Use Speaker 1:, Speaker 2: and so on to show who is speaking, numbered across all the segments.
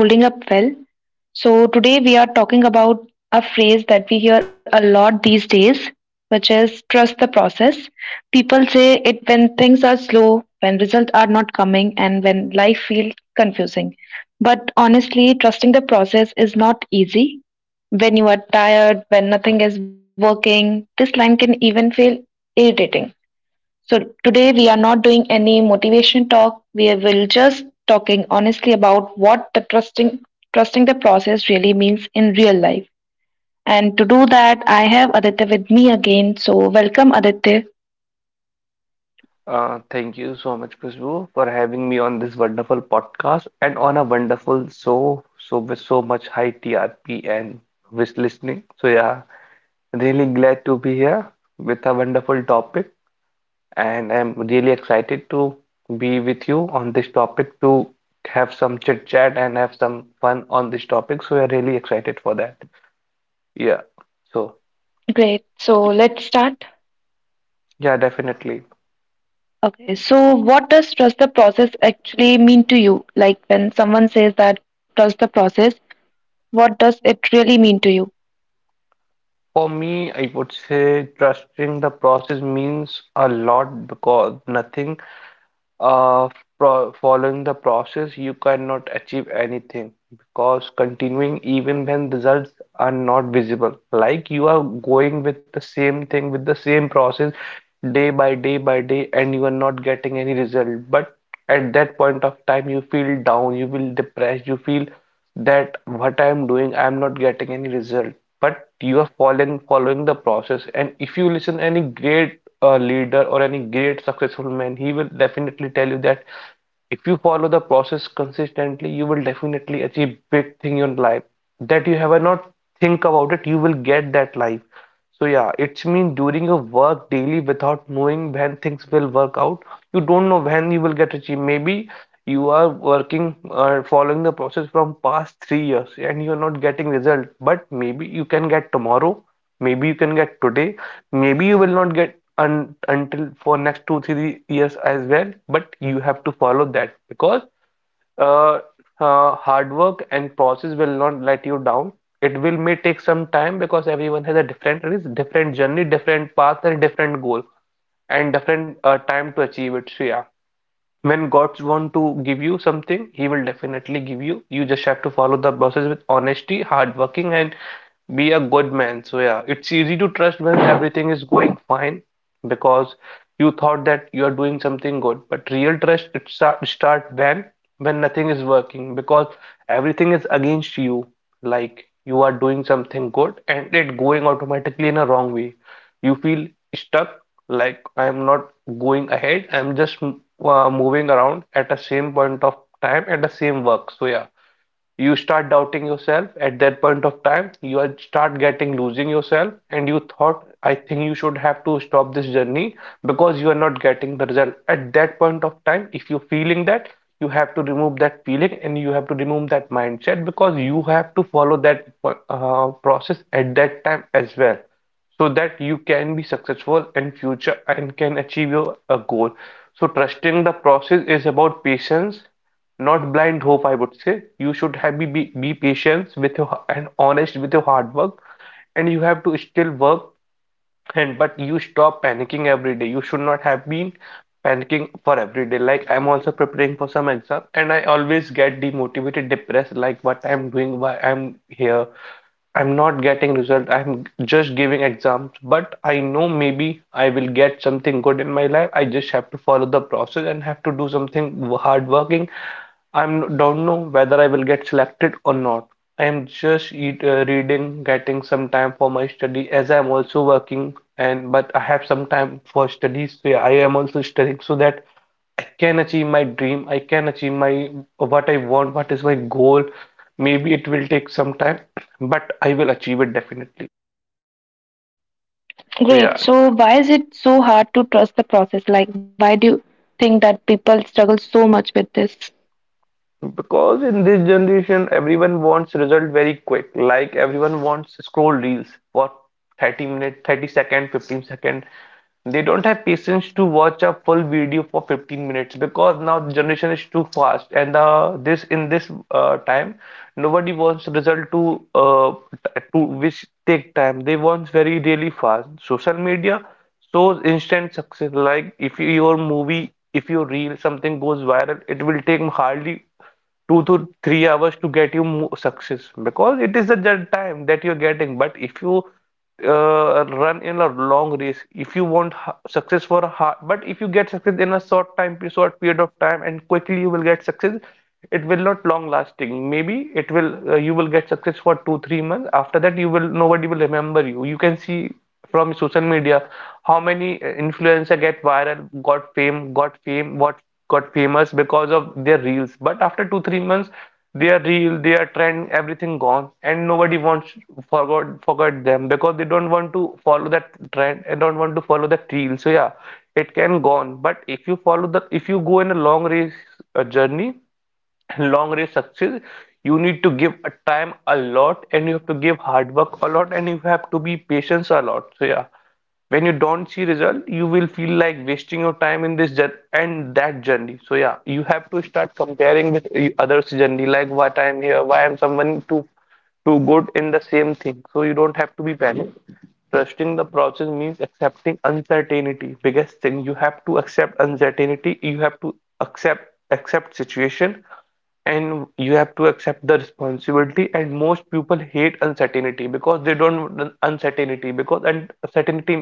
Speaker 1: Holding up well. So, today we are talking about a phrase that we hear a lot these days, which is trust the process. People say it when things are slow, when results are not coming, and when life feels confusing. But honestly, trusting the process is not easy. When you are tired, when nothing is working, this line can even feel irritating. So today we are not doing any motivation talk. We will just talking honestly about what the trusting the process really means in real life. And to do that, I have Aditya with me again. So welcome Aditya.
Speaker 2: Thank you so much, Khushbu, for having me on this wonderful podcast and on a wonderful with so much high TRP and wish listening. So yeah, really glad to be here with a wonderful topic, and I'm really excited to be with you on this topic to have some chit chat and have some fun on this topic. So we're really excited for that. Yeah. So
Speaker 1: Great. So let's start.
Speaker 2: yeah, definitely.
Speaker 1: Okay. So what does trust the process actually mean to you? Like when someone says that trust the process, what does it really mean to you?
Speaker 2: For me, I would say trusting the process means a lot because nothing uh, pro following the process, you cannot achieve anything because continuing even when results are not visible, like you are going with the same thing with the same process day by day by day, and you are not getting any result. But at that point of time, you feel down, you feel depressed, you feel that what I am doing, I am not getting any result. But you are following the process, and if you listen any great a leader or any great successful man, he will definitely tell you that if you follow the process consistently, you will definitely achieve big thing in life that you have not think about it, you will get that life. So yeah, it's mean during your work daily without knowing when things will work out, you don't know when you will get achieved. Maybe you are working or following the process from past 3 years and you're not getting result, but maybe you can get tomorrow, maybe you can get today, maybe you will not get un until for next 2 3 years as well, but you have to follow that because uh, hard work and process will not let you down. It will may take some time because everyone has a different risk, different journey, different path, and different goal, and different time to achieve it. So yeah, when God wants to give you something, He will definitely give you. You just have to follow the process with honesty, hard working, and be a good man. So yeah, it's easy to trust when everything is going fine because you thought that you are doing something good. But real trust it start when nothing is working because everything is against you. Like you are doing something good and it going automatically in a wrong way. You feel stuck, like I'm not going ahead. I'm just moving around at the same point of time at the same work. So yeah, you start doubting yourself at that point of time. Start getting losing yourself, and you thought, I think you should have to stop this journey because you are not getting the result at that point of time. If you're feeling that, you have to remove that feeling and you have to remove that mindset because you have to follow that process at that time as well, so that you can be successful in future and can achieve your a goal. So trusting the process is about patience, not blind hope. I would say you should have be patient with your and honest with your hard work, and you have to still work, and but you stop panicking every day. You should not have been panicking for every day. Like I'm also preparing for some exam and I always get demotivated, depressed, like what I'm doing, why I'm here, I'm not getting result. I'm just giving exams, but I know maybe I will get something good in my life. I just have to follow the process and have to do something hard working. I'm don't know whether I will get selected or not. I am just reading, getting some time for my study as I'm also working, and but I have some time for studies. So I am also studying so that I can achieve my dream, I can achieve my what I want, what is my goal. Maybe it will take some time, but I will achieve it definitely. So yeah,
Speaker 1: Great. So, why is it so hard to trust the process? Like, why do you think that people struggle so much with this?
Speaker 2: because in this generation everyone wants result very quick. Like everyone wants scroll reels for 30 minutes, 30 second, 15 second. They don't have patience to watch a full video for 15 minutes because now the generation is too fast, and this in this time nobody wants result to to which take time. They want very really fast. Social media shows instant success. Like if your movie, if your reel, something goes viral, it will take hardly 2 to 3 hours to get you mo success because it is the time that you're getting. But if you run in a long race, if you want success for a hard, but if you get success in a short time, short period of time, and quickly you will get success, it will not long lasting. Maybe it will you will get success for 2 3 months. After that, you will nobody will remember you. You can see from social media how many influencer get viral, got fame, what got famous because of their reels, but after 2 3 months their reel, their trend, everything gone, and nobody wants forgot them because they don't want to follow that trend and don't want to follow that reel. So yeah, it can gone, but if you follow the if you go in a long race, journey, long race success, you need to give a time a lot, and you have to give hard work a lot, and you have to be patient a lot. So yeah, when you don't see result you will feel like wasting your time in this and that journey. So yeah, you have to start comparing with others journey, like what I'm here, why I'm someone too too good in the same thing, so you don't have to be panicked. Trusting the process means accepting uncertainty. Biggest thing, you have to accept uncertainty. You have to accept situation and you have to accept the responsibility, and most people hate uncertainty because they don't want uncertainty because uncertainty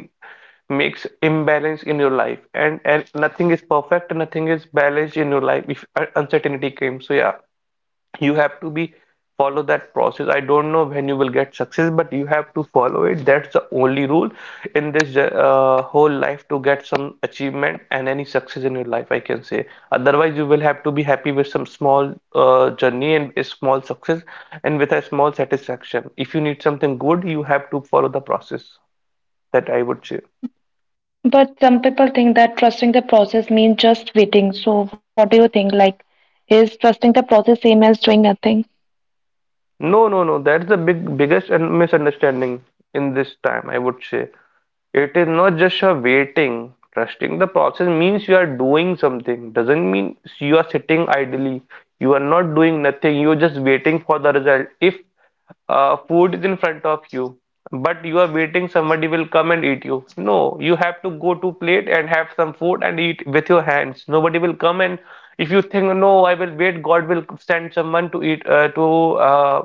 Speaker 2: makes imbalance in your life, and nothing is perfect, nothing is balanced in your life if uncertainty came. So yeah, you have to be follow that process. I don't know when you will get success but you have to follow it. That's the only rule in this whole life to get some achievement and any success in your life, I can say. Otherwise you will have to be happy with some small journey and a small success and with a small satisfaction. If you need something good you have to follow the process, that I would say.
Speaker 1: But some people think that trusting the process means just waiting. So, what do you think? Like, is trusting the process same as doing nothing?
Speaker 2: No, no, no, that's the big biggest and misunderstanding in this time, I would say. It is not just a waiting. Trusting the process means you are doing something. Doesn't mean you are sitting idly. You are not doing nothing. You are just waiting for the result. If food is in front of you, but you are waiting somebody will come and eat you. No, you have to go to plate and have some food and eat with your hands. Nobody will come, and if you think no, I will wait, God will send someone to eat to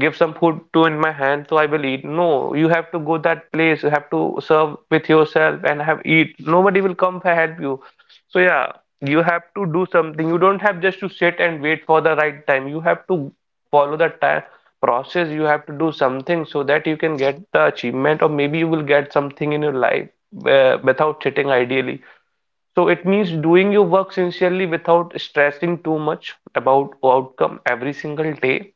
Speaker 2: give some food to in my hand, so I will eat. No, you have to go that place. You have to serve with yourself and have eat. Nobody will come to help you. So yeah, you have to do something. You don't have just to sit and wait for the right time. You have to follow the time process, you have to do something so that you can get the achievement or maybe you will get something in your life without sitting ideally. So it means doing your work sincerely without stressing too much about outcome every single day.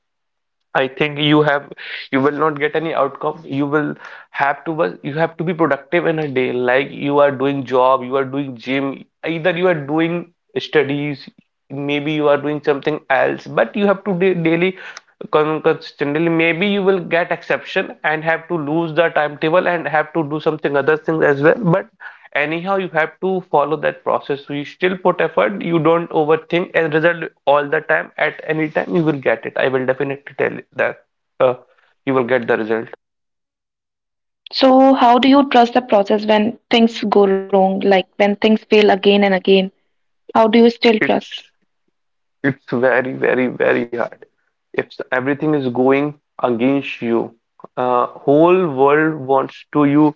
Speaker 2: I think you have you will not get any outcome. You will have to was you have to be productive in a day. Like you are doing job, you are doing gym, either you are doing studies, maybe you are doing something else, but you have to do daily consistently. Maybe you will get exception and have to lose the timetable and have to do something other things as well. But anyhow you have to follow that process, so you still put effort, you don't overthink as a result all the time. At any time you will get it, I will definitely tell you that uh, you will get the result.
Speaker 1: So, how do you trust the process when things go wrong? Like, when things fail again and again, how do you still
Speaker 2: it's
Speaker 1: trust?
Speaker 2: It's very, very, very hard. If everything is going against you, whole world wants to you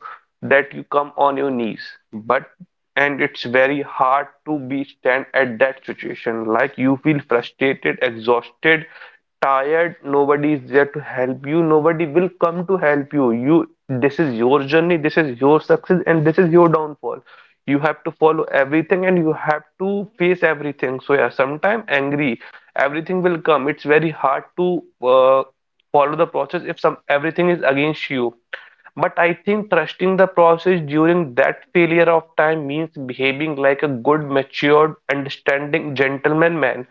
Speaker 2: that you come on your knees. But and it's very hard to be stand at that situation. Like you feel frustrated, exhausted, tired. Nobody is there to help you. Nobody will come to help you. You, this is your journey. This is your success, and this is your downfall. You have to follow everything, and you have to face everything. So yeah, sometimes angry everything will come. It's very hard to follow the process if some everything is against you. But I think trusting the process during that failure of time means behaving like a good matured understanding gentleman man.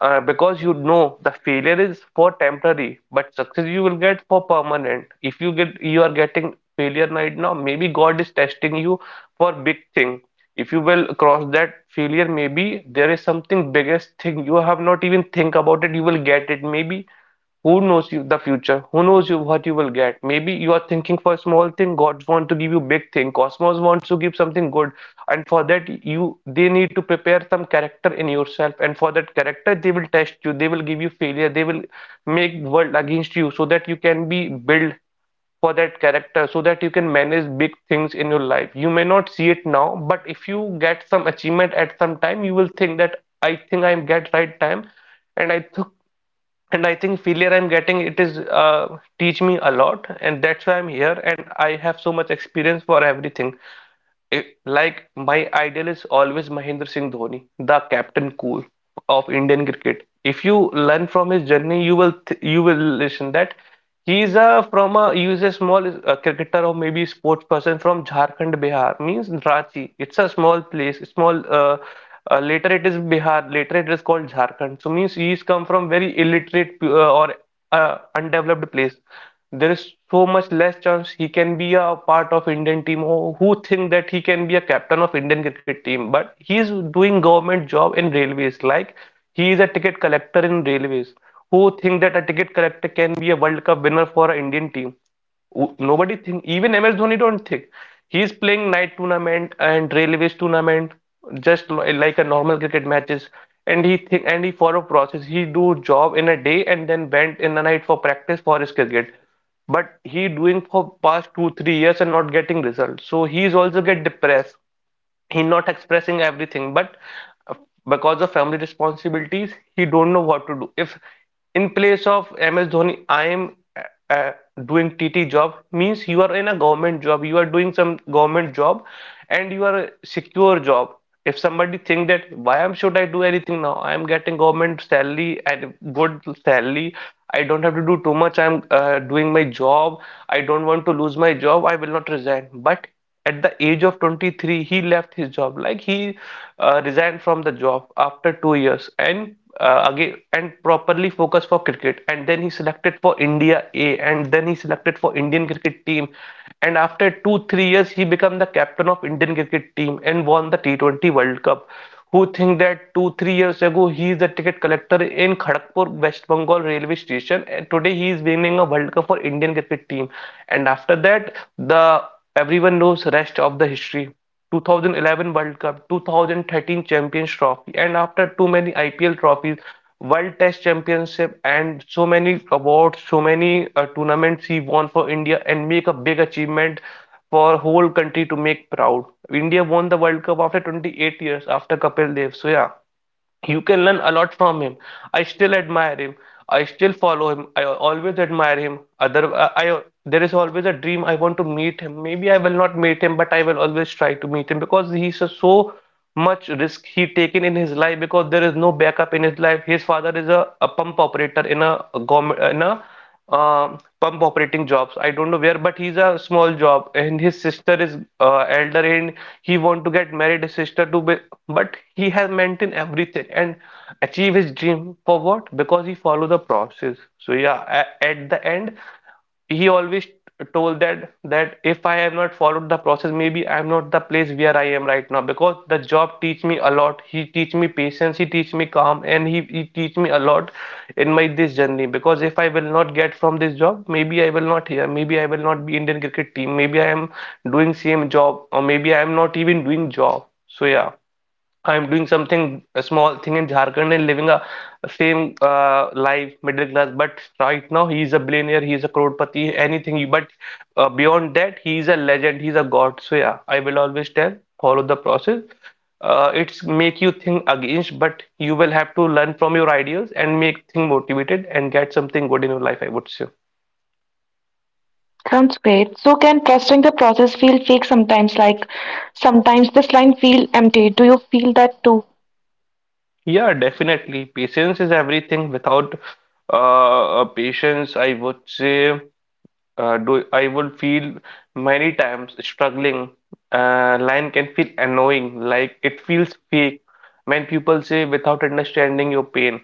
Speaker 2: Because you know the failure is for temporary, but success you will get for permanent. If you get you are getting failure right now, maybe god is testing you for big thing. If you will cross that failure, maybe there is something biggest thing you have not even think about it, you will get it maybe. Who knows you the future, who knows you what you will get? Maybe you are thinking for small thing, god want to give you big thing, cosmos wants to give something good. And for that, you they need to prepare some character in yourself, and for that character they will test you, they will give you failure, they will make world against you, so that you can be built for that character so that you can manage big things in your life. You may not see it now, but if you get some achievement at some time, you will think that I think I get right time, and I took and I think failure I'm getting it is teach me a lot, and that's why I'm here, and I have so much experience for everything. Like my idol is always Mahendra Singh Dhoni, the captain cool of Indian cricket. If you learn from his journey, you will listen that he's a from a he's a small cricketer or maybe sports person from Jharkhand, Bihar. Means Ranchi. It's a small place. Small. Later it is Bihar. Later it is called Jharkhand. So means he's come from very illiterate or undeveloped place. There is so much less chance he can be a part of Indian team, or who think that he can be a captain of Indian cricket team. But he is doing government job in railways. Like he is a ticket collector in railways. Who think that a ticket collector can be a World Cup winner for an Indian team? Nobody think. Even MS Dhoni don't think. He's playing night tournament and railways tournament just like a normal cricket matches. And he think and he follow process. He do job in a day and then went in the night for practice for his cricket. But he doing for past 2-3 years and not getting results. So he's also get depressed. He not expressing everything, but uh, because of family responsibilities he don't know what to do. If in place of MS Dhoni I am uh, uh, doing tt job. Means you are in a government job, you are doing some government job, and you are a secure job. If somebody think that why am should I do anything now, I am getting government salary and good salary, I don't have to do too much, I am doing my job, I don't want to lose my job, I will not resign. But at the age of 23, he left his job. Like he resigned from the job after 2 years and again and properly focused for cricket. And then he selected for India A. And then he selected for Indian cricket team. And after 2-3 years, he became the captain of Indian cricket team and won the T20 World Cup. Who think that 2-3 years ago he is a ticket collector in Kharagpur, West Bengal railway station, and today he is winning a World Cup for Indian cricket team. And after that, the everyone knows rest of the history. 2011 World Cup, 2013 Champions Trophy, and after too many IPL trophies, World Test Championship, and so many awards, so many tournaments he won for India, and make a big achievement for whole country to make proud. India won the World Cup after 28 years after Kapil Dev. So yeah, you can learn a lot from him. I still admire him. I still follow him. I always admire him. Other, I There is always a dream I want to meet him. Maybe I will not meet him, but I will always try to meet him because he's a so much risk he taken in his life, because there is no backup in his life. His father is a pump operator in a government in a pump operating jobs. I don't know where, but he's a small job and his sister is elder and he want to get married. His sister to be, but he has maintained everything and achieve his dream for what? Because he follow the process. So yeah, at the end he always told that if I have not followed the process, maybe I'm not the place where I am right now because the job teach me a lot. He teach me patience, he teach me calm, and he teach me a lot in my this journey. Because if I will not get from this job, maybe I will not here, maybe I will not be Indian cricket team, maybe I am doing same job, or maybe I am not even doing job. So yeah. I'm doing something a small thing in Jharkhand and living a same life, middle class. But right now he is a billionaire, he is a crorepati, anything. You- But Beyond that, he is a legend, he is a god. So yeah, I will always tell, follow the process. It's make you think against, but you will have to learn from your ideas and make thing motivated and get something good in your life. I would say.
Speaker 1: Sounds great. So, can trusting the process feel fake sometimes? Like, sometimes this line feel empty. Do you feel that too?
Speaker 2: Yeah, definitely. Patience is everything. Without patience, I would say. Do I would feel many times struggling. Line can feel annoying, like it feels fake when people say without understanding your pain.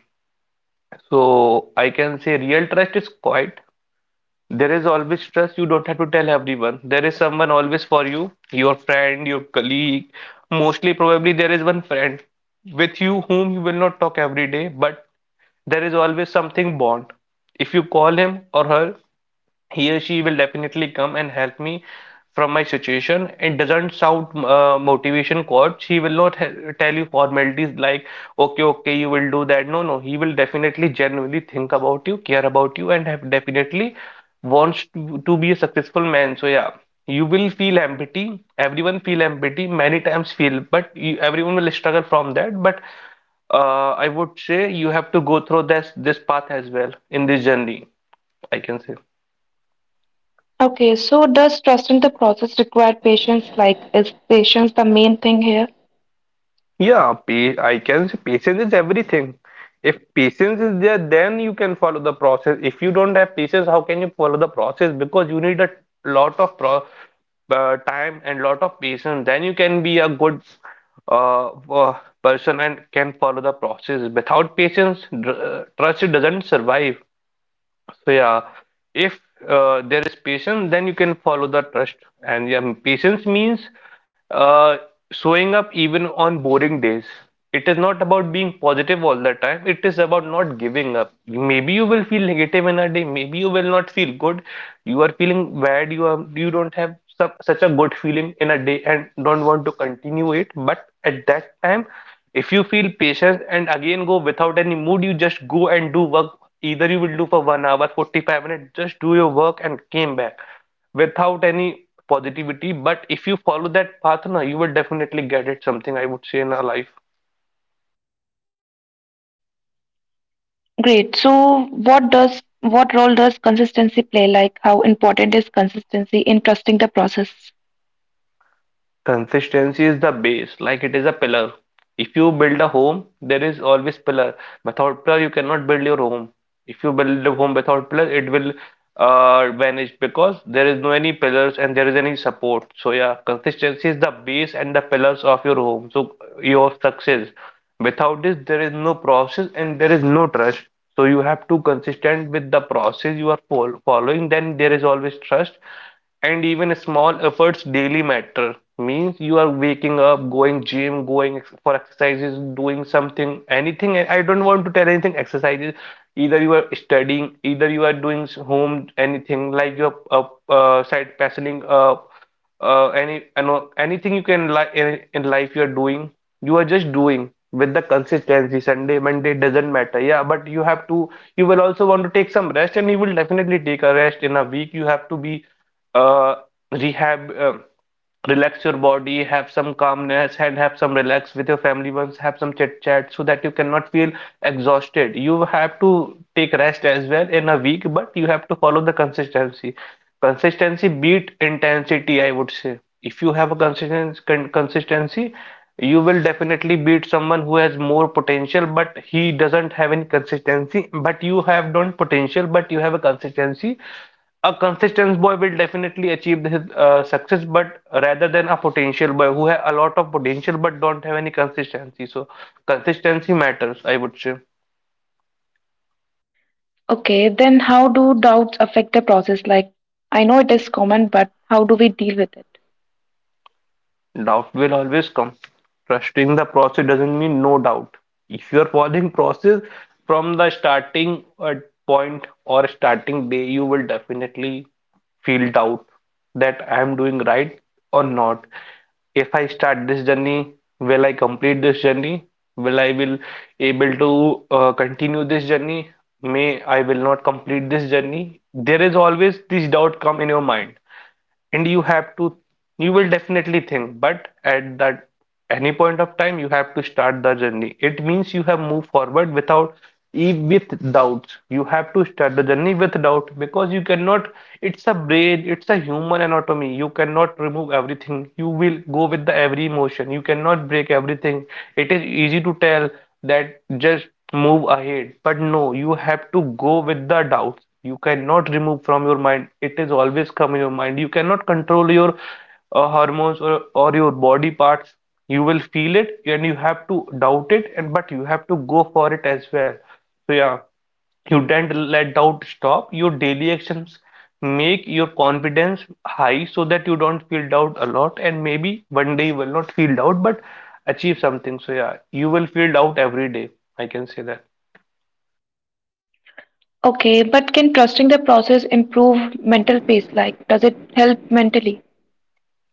Speaker 2: So I can say real trust is quiet. There is always trust. You don't have to tell everyone. There is someone always for you, your friend, your colleague. Mostly, probably there is one friend with you whom you will not talk every day, but there is always something bond. If you call him or her, he or she will definitely come and help me from my situation. It doesn't sound motivation coach. He will not tell you formalities like, okay, okay, you will do that. No, no, he will definitely genuinely think about you, care about you, and have definitely wants to be a successful man. So yeah, you will feel empathy. Everyone feel empathy. Many times feel, but you, everyone will struggle from that. But I would say you have to go through this path as well in this journey. I can say.
Speaker 1: Okay, so does trusting the process require patience? Like, is patience the main thing here?
Speaker 2: Yeah, pa I can say patience is everything. If patience is there, then you can follow the process. If you don't have patience, how can you follow the process? Because you need a lot of pro time and lot of patience. Then you can be a good uh, uh, person and can follow the process. Without patience, trust doesn't survive. So yeah, if there is patience, then you can follow the trust. And yeah, patience means uh, showing up even on boring days. It is not about being positive all the time. It is about not giving up. Maybe you will feel negative in a day. Maybe you will not feel good. You are feeling bad. You don't have such a good feeling in a day and don't want to continue it. But at that time. If you feel patient and again go without any mood, you just go and do work. Either you will do for 1 hour, 45 minutes, just do your work and came back without any positivity. But if you follow that path, na, you will definitely get it something, I would say, in our life.
Speaker 1: Great. So, what does what role does consistency play? Like, how important is consistency in trusting the process?
Speaker 2: Consistency is the base, like it is a pillar. If you build a home, there is always pillar. Without pillar, you cannot build your home. If you build a home without pillar, it will vanish because there is no any pillars and there is any support. So yeah, consistency is the base and the pillars of your home. So your success. Without this, there is no process and there is no trust. So you have to consistent with the process you are following. Then there is always trust, and even small efforts daily matter. Means you are waking up, going gym, going for exercises, doing something, anything. I don't want to tell anything exercises. Either you are studying, either you are doing home, anything like your side passioning, any, anything you can in life, you are doing, you are just doing with the consistency. Sunday Monday doesn't matter, yeah, but you have to, you will also want to take some rest, and you will definitely take a rest in a week. You have to be uh, rehab, relax your body, have some calmness, and have some relax with your family once, have some chit chat, so that you cannot feel exhausted. You have to take rest as well in a week, but you have to follow the consistency. Consistency beat intensity, I would say. If you have a consistent con consistency, you will definitely beat someone who has more potential, but he doesn't have any consistency. But you have don't potential, but you have a consistency. A consistent boy will definitely achieve his success, but rather than a potential boy who has a lot of potential but don't have any consistency. So consistency matters, I would say.
Speaker 1: Okay, then how do doubts affect the process? Like, I know it is common, but how do we deal with it?
Speaker 2: Doubt will always come. Trusting the process doesn't mean no doubt. If you are following process from the starting point or starting day, you will definitely feel doubt that I am doing right or not. If I start this journey, will I complete this journey? Will I will able to continue this journey? May I will not complete this journey? There is always this doubt come in your mind, and you have to, you will definitely think, but at that any point of time, you have to start the journey. It means you have moved forward without with doubts. You have to start the journey with doubt, because you cannot, it's a brain, it's a human anatomy, you cannot remove everything. You will go with the every emotion, you cannot break everything. It is easy to tell that just move ahead. But no, you have to go with the doubts. You cannot remove from your mind. It is always come in your mind. You cannot control your hormones or your body parts. You will feel it, and you have to doubt it, and but you have to go for it as well. So yeah. You don't let doubt stop. Your daily actions make your confidence high, so that you don't feel doubt a lot. And maybe one day you will not feel doubt, but achieve something. So, yeah, you will feel doubt every day. I can say that.
Speaker 1: Okay, but can trusting the process improve mental peace? Like, does it help mentally?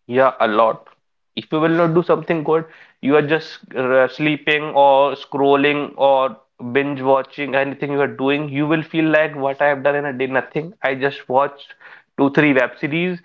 Speaker 2: Yeah, a lot. If you will not do something good, you are just sleeping or scrolling or binge watching, anything you are doing, you will feel like what I have done in a day, nothing. I just watched two, three web series,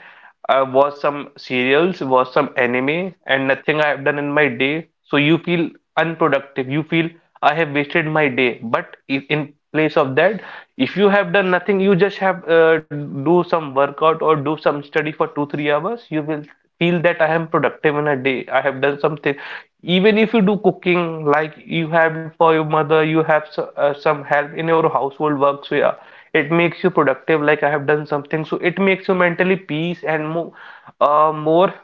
Speaker 2: I watched some serials, watched some anime, and nothing I have done in my day. So you feel unproductive. You feel I have wasted my day. But if in place of that, if you have done nothing, you just have do some workout or do some study for two, 3 hours, you will feel that I am productive in a day. I have done something. Even if you do cooking, like you have for your mother, you have some help in your household work. So yeah, it makes you productive. Like I have done something. So it makes you mentally peace and more, more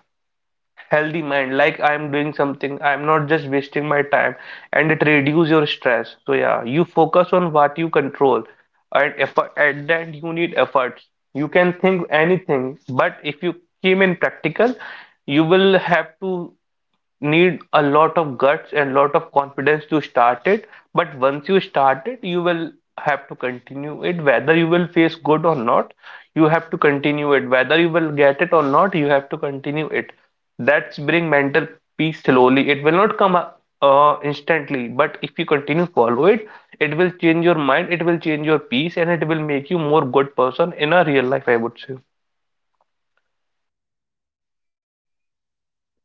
Speaker 2: healthy mind, like I'm doing something, I'm not just wasting my time. And it reduce your stress. So yeah, you focus on what you control, and effort at that, you need efforts. You can think anything, but if you came in practical, you will have to need a lot of guts and lot of confidence to start it. But once you start it, you will have to continue it whether you will face good or not. You have to continue it whether you will get it or not, you have to continue it. That's bring mental peace. Slowly it will not come up, instantly, but if you continue follow it, it will change your mind, it will change your peace, and it will make you more good person in a real life, I would say.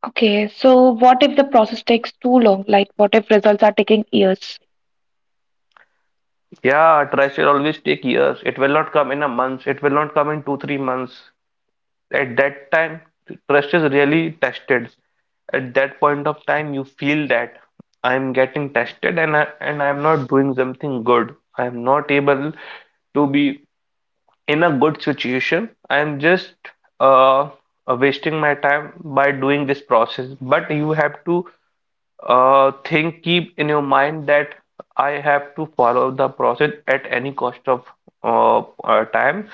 Speaker 1: Okay, so what if the process takes too long? Like, what if results are taking years?
Speaker 2: Yeah, try should always take years. It will not come in a month. It will not come in two, 3 months. At that time, trust is really tested. At that point of time, you feel that I am getting tested, and I am not doing something good, I am not able to be in a good situation. I am just uh, wasting my time by doing this process. But you have to think, keep in your mind that I have to follow the process at any cost of uh, time.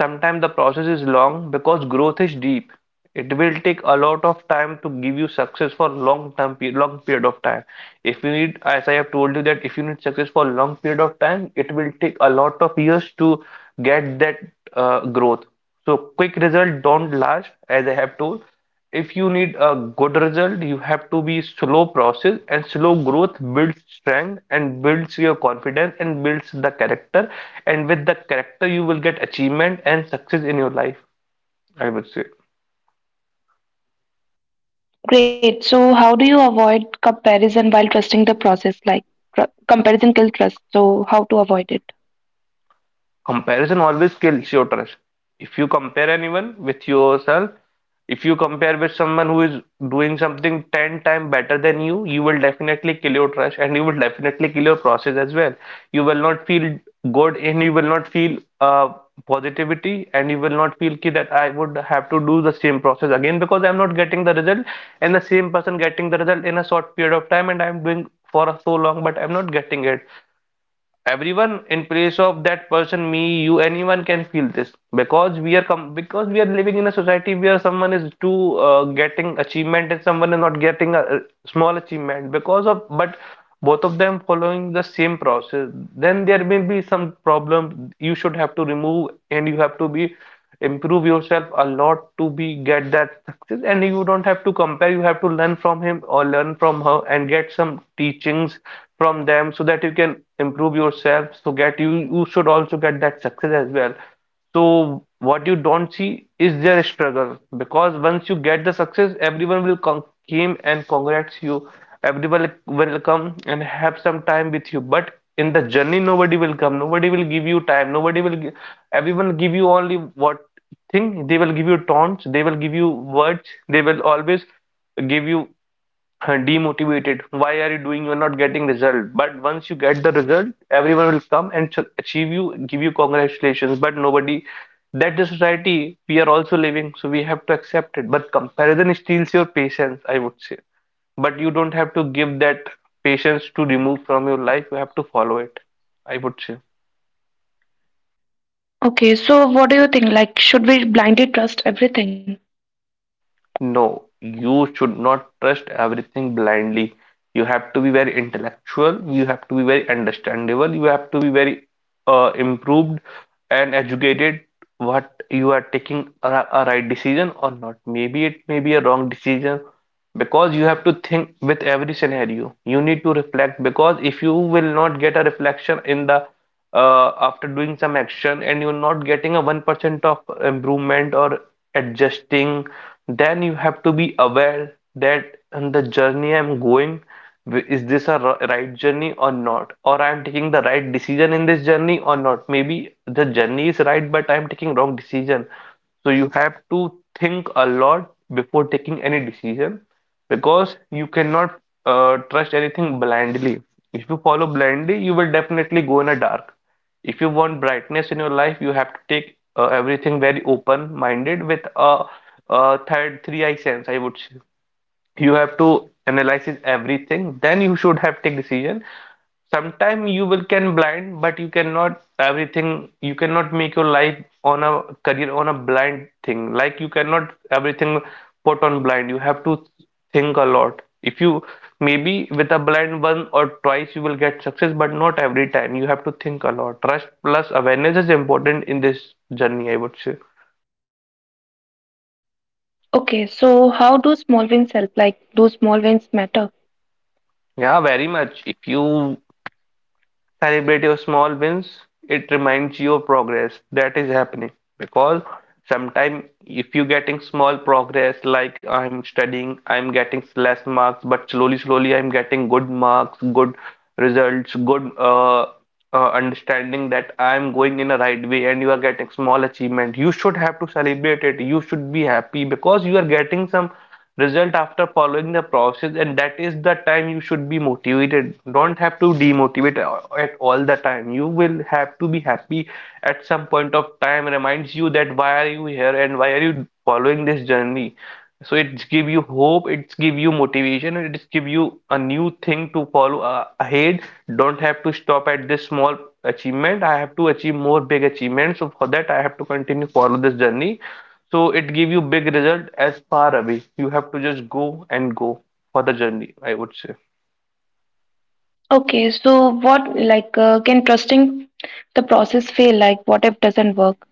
Speaker 2: Sometimes the process is long because growth is deep. It will take a lot of time to give you success for long term period, long period of time. If you need, as I have told you, that if you need success for long period of time, it will take a lot of years to get that growth. So quick result don't last, as I have told. If you need a good result, you have to be slow process, and slow growth builds strength and builds your confidence and builds the character. And with the character, you will get achievement and success in your life, I would say.
Speaker 1: Great. So, how do you avoid comparison while trusting the process? Like, comparison kills trust. So, how to avoid it?
Speaker 2: Comparison always kills your trust. If you compare anyone with yourself, if you compare with someone who is doing something 10 times better than you, you will definitely kill your trust, and you will definitely kill your process as well. You will not feel good, and you will not feel positivity, and you will not feel ki that I would have to do the same process again, because I'm not getting the result, and the same person getting the result in a short period of time, and I'm doing for so long but I'm not getting it. Everyone in place of that person, me, you, anyone can feel this, because we are com because we are living in a society where someone is too getting achievement and someone is not getting a small achievement because of. But both of them following the same process, then there may be some problem you should have to remove, and you have to be improve yourself a lot to be get that success. And you don't have to compare, you have to learn from him or learn from her and get some teachings from them, so that you can improve yourself, so get you, you should also get that success as well. So what you don't see is their struggle, because once you get the success, everyone will con came and congrats you, everyone will come and have some time with you. But in the journey, nobody will come, nobody will give you time, nobody will everyone give you only what thing. They will give you taunts, they will give you words, they will always give you demotivated, why are you doing, you're not getting result. But once you get the result, everyone will come and achieve you, give you congratulations, but nobody. That is society we are also living, so we have to accept it. But comparison steals your patience, I would say. But you don't have to give that patience to remove from your life, you have to follow it, I would say.
Speaker 1: Okay. So, what do you think? Like, should we blindly trust everything?
Speaker 2: No, you should not trust everything blindly. You have to be very intellectual, you have to be very understandable, you have to be very improved and educated, what you are taking a right decision or not. Maybe it may be a wrong decision, because you have to think with every scenario. You need to reflect because if you will not get a reflection in the after doing some action and you're not getting a 1% of improvement or adjusting, then you have to be aware that on the journey I'm going, is this a right journey or not, or I'm taking the right decision in this journey or not. Maybe the journey is right but I'm taking wrong decision. So you have to think a lot before taking any decision because you cannot trust anything blindly. If you follow blindly you will definitely go in a dark. If you want brightness in your life you have to take everything very open minded, with a third three eye sense, I would say. You have to analyze everything, then you should have take decision. Sometimes you will can blind but you cannot everything, you cannot make your life on a career on a blind thing, like you cannot everything put on blind. You have to think a lot. If you maybe with a blind one or twice you will get success, but not every time. You have to think a lot. Trust plus awareness is important in this journey, I would say.
Speaker 1: Okay. So, how do small wins help? Like, do small wins matter?
Speaker 2: Yeah, very much, if you. Celebrate your small wins. It reminds you of progress that is happening. Because sometimes if you're getting small progress, like I'm studying, I'm getting less marks, but slowly, slowly I'm getting good marks, good results, good understanding that I'm going in the right way, and you are getting small achievement. You should have to celebrate it. You should be happy because you are getting some result after following the process, and that is the time you should be motivated. Don't have to demotivate at all the time. You will have to be happy. At some point of time, reminds you that why are you here and why are you following this journey. So it's give you hope, it's give you motivation, and it's give you a new thing to follow ahead. Don't have to stop at this small achievement. I have to achieve more big achievements, so for that I have to continue follow this journey. So it give you big result as far away. You have to just go and go for the journey, I would say.
Speaker 1: Okay. So, what, like, can trusting the process fail? Like, what if doesn't work?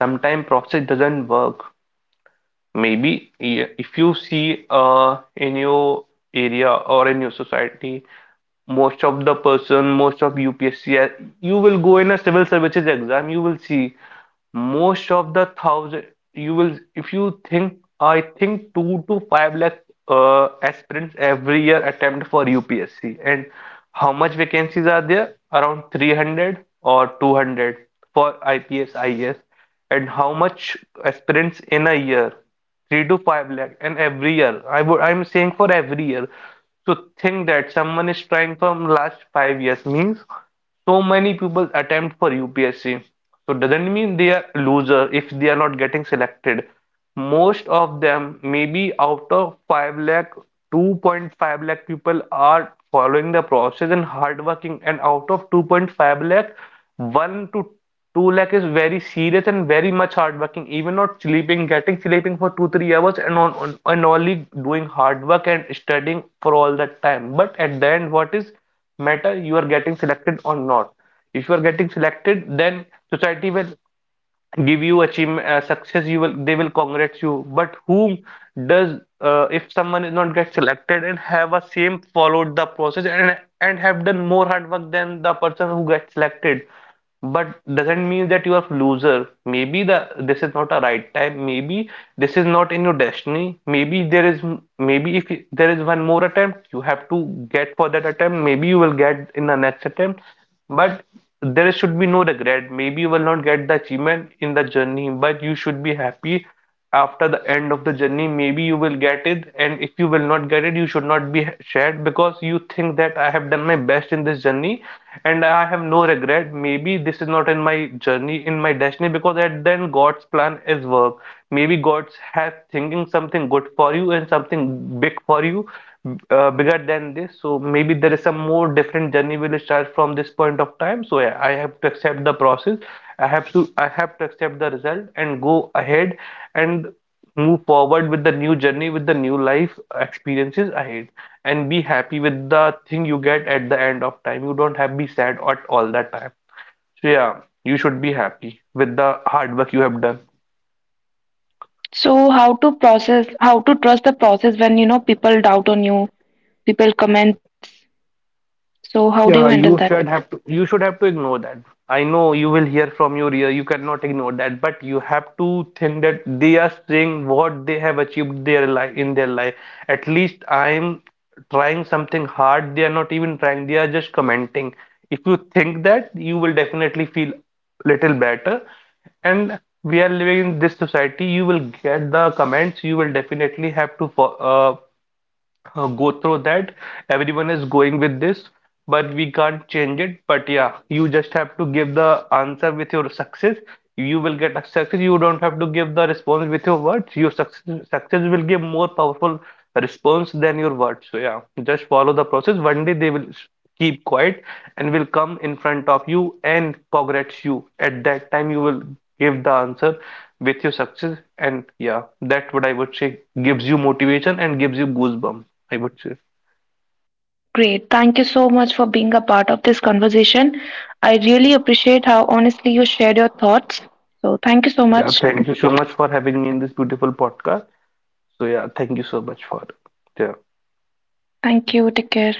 Speaker 2: Sometimes process doesn't work. Maybe, yeah, if you see in your area or in your society, most of the person, most of UPSC, you will go in a civil services exam. You will see most of the thousand, you will, if you think, I think two to five lakh aspirants every year attempt for UPSC. And how much vacancies are there? Around 300 or 200 for IPS, IS. And how much aspirants in a year? Three to five lakh. And every year, I would, I'm saying for every year, to think that someone is trying from last 5 years means so many people attempt for UPSC. So doesn't mean they are loser if they are not getting selected. Most of them, maybe out of 5 lakh, 2.5 lakh people are following the process and hardworking, and out of 2.5 lakh, 1 to 2 lakh is very serious and very much hard working, even not sleeping, getting sleeping for 2 3 hours, and on and only doing hard work and studying for all that time. But at the end what is matter, you are getting selected or not. If you are getting selected, then society will give you achievement, success. You will, they will congratulate you. But whom does, if someone is not get selected and have a same followed the process and have done more hard work than the person who gets selected, but doesn't mean that you are loser. Maybe the this is not a right time. Maybe this is not in your destiny. Maybe there is, maybe if there is one more attempt, you have to get for that attempt. Maybe you will get in the next attempt. But there should be no regret. Maybe you will not get the achievement in the journey, but you should be happy after the end of the journey. Maybe you will get it, and if you will not get it, you should not be sad because you think that I have done my best in this journey and I have no regret. Maybe this is not in my journey, in my destiny, because at then God's plan is work. Maybe God's has thinking something good for you and something big for you, bigger than this. So maybe there is some more different journey will start from this point of time. So yeah, I have to accept the process. I have to accept the result and go ahead and move forward with the new journey, with the new life experiences ahead, and be happy with the thing you get at the end of time. You don't have to be sad at all that time. So yeah, you should be happy with the hard work you have done.
Speaker 1: So, how to process, how to trust the process when, you know, people doubt on you, people comments. So, how do you
Speaker 2: Yeah,
Speaker 1: handle that?
Speaker 2: you should have to ignore that. I know you will hear from your ear, you cannot ignore that, but you have to think that they are saying what they have achieved their life in their life. At least I'm trying something hard. They are not even trying, they are just commenting. If you think that, you will definitely feel little better. And we are living in this society, you will get the comments, you will definitely have to fo uh, go through that. Everyone is going with this, but we can't change it. But yeah, you just have to give the answer with your success. You will get a success. You don't have to give the response with your words. Your success, success will give more powerful response than your words. So yeah, just follow the process. One day they will keep quiet and will come in front of you and congrats you. At that time you will give the answer with your success. And yeah, that what I would say, gives you motivation and gives you goosebumps, I would say.
Speaker 1: Great. Thank you so much for being a part of this conversation. I really appreciate how honestly you shared your thoughts. So, thank you so
Speaker 2: Yeah,
Speaker 1: much.
Speaker 2: thank you so much for having me in this beautiful podcast. So yeah, thank you so much for, yeah.
Speaker 1: Thank you. Take care.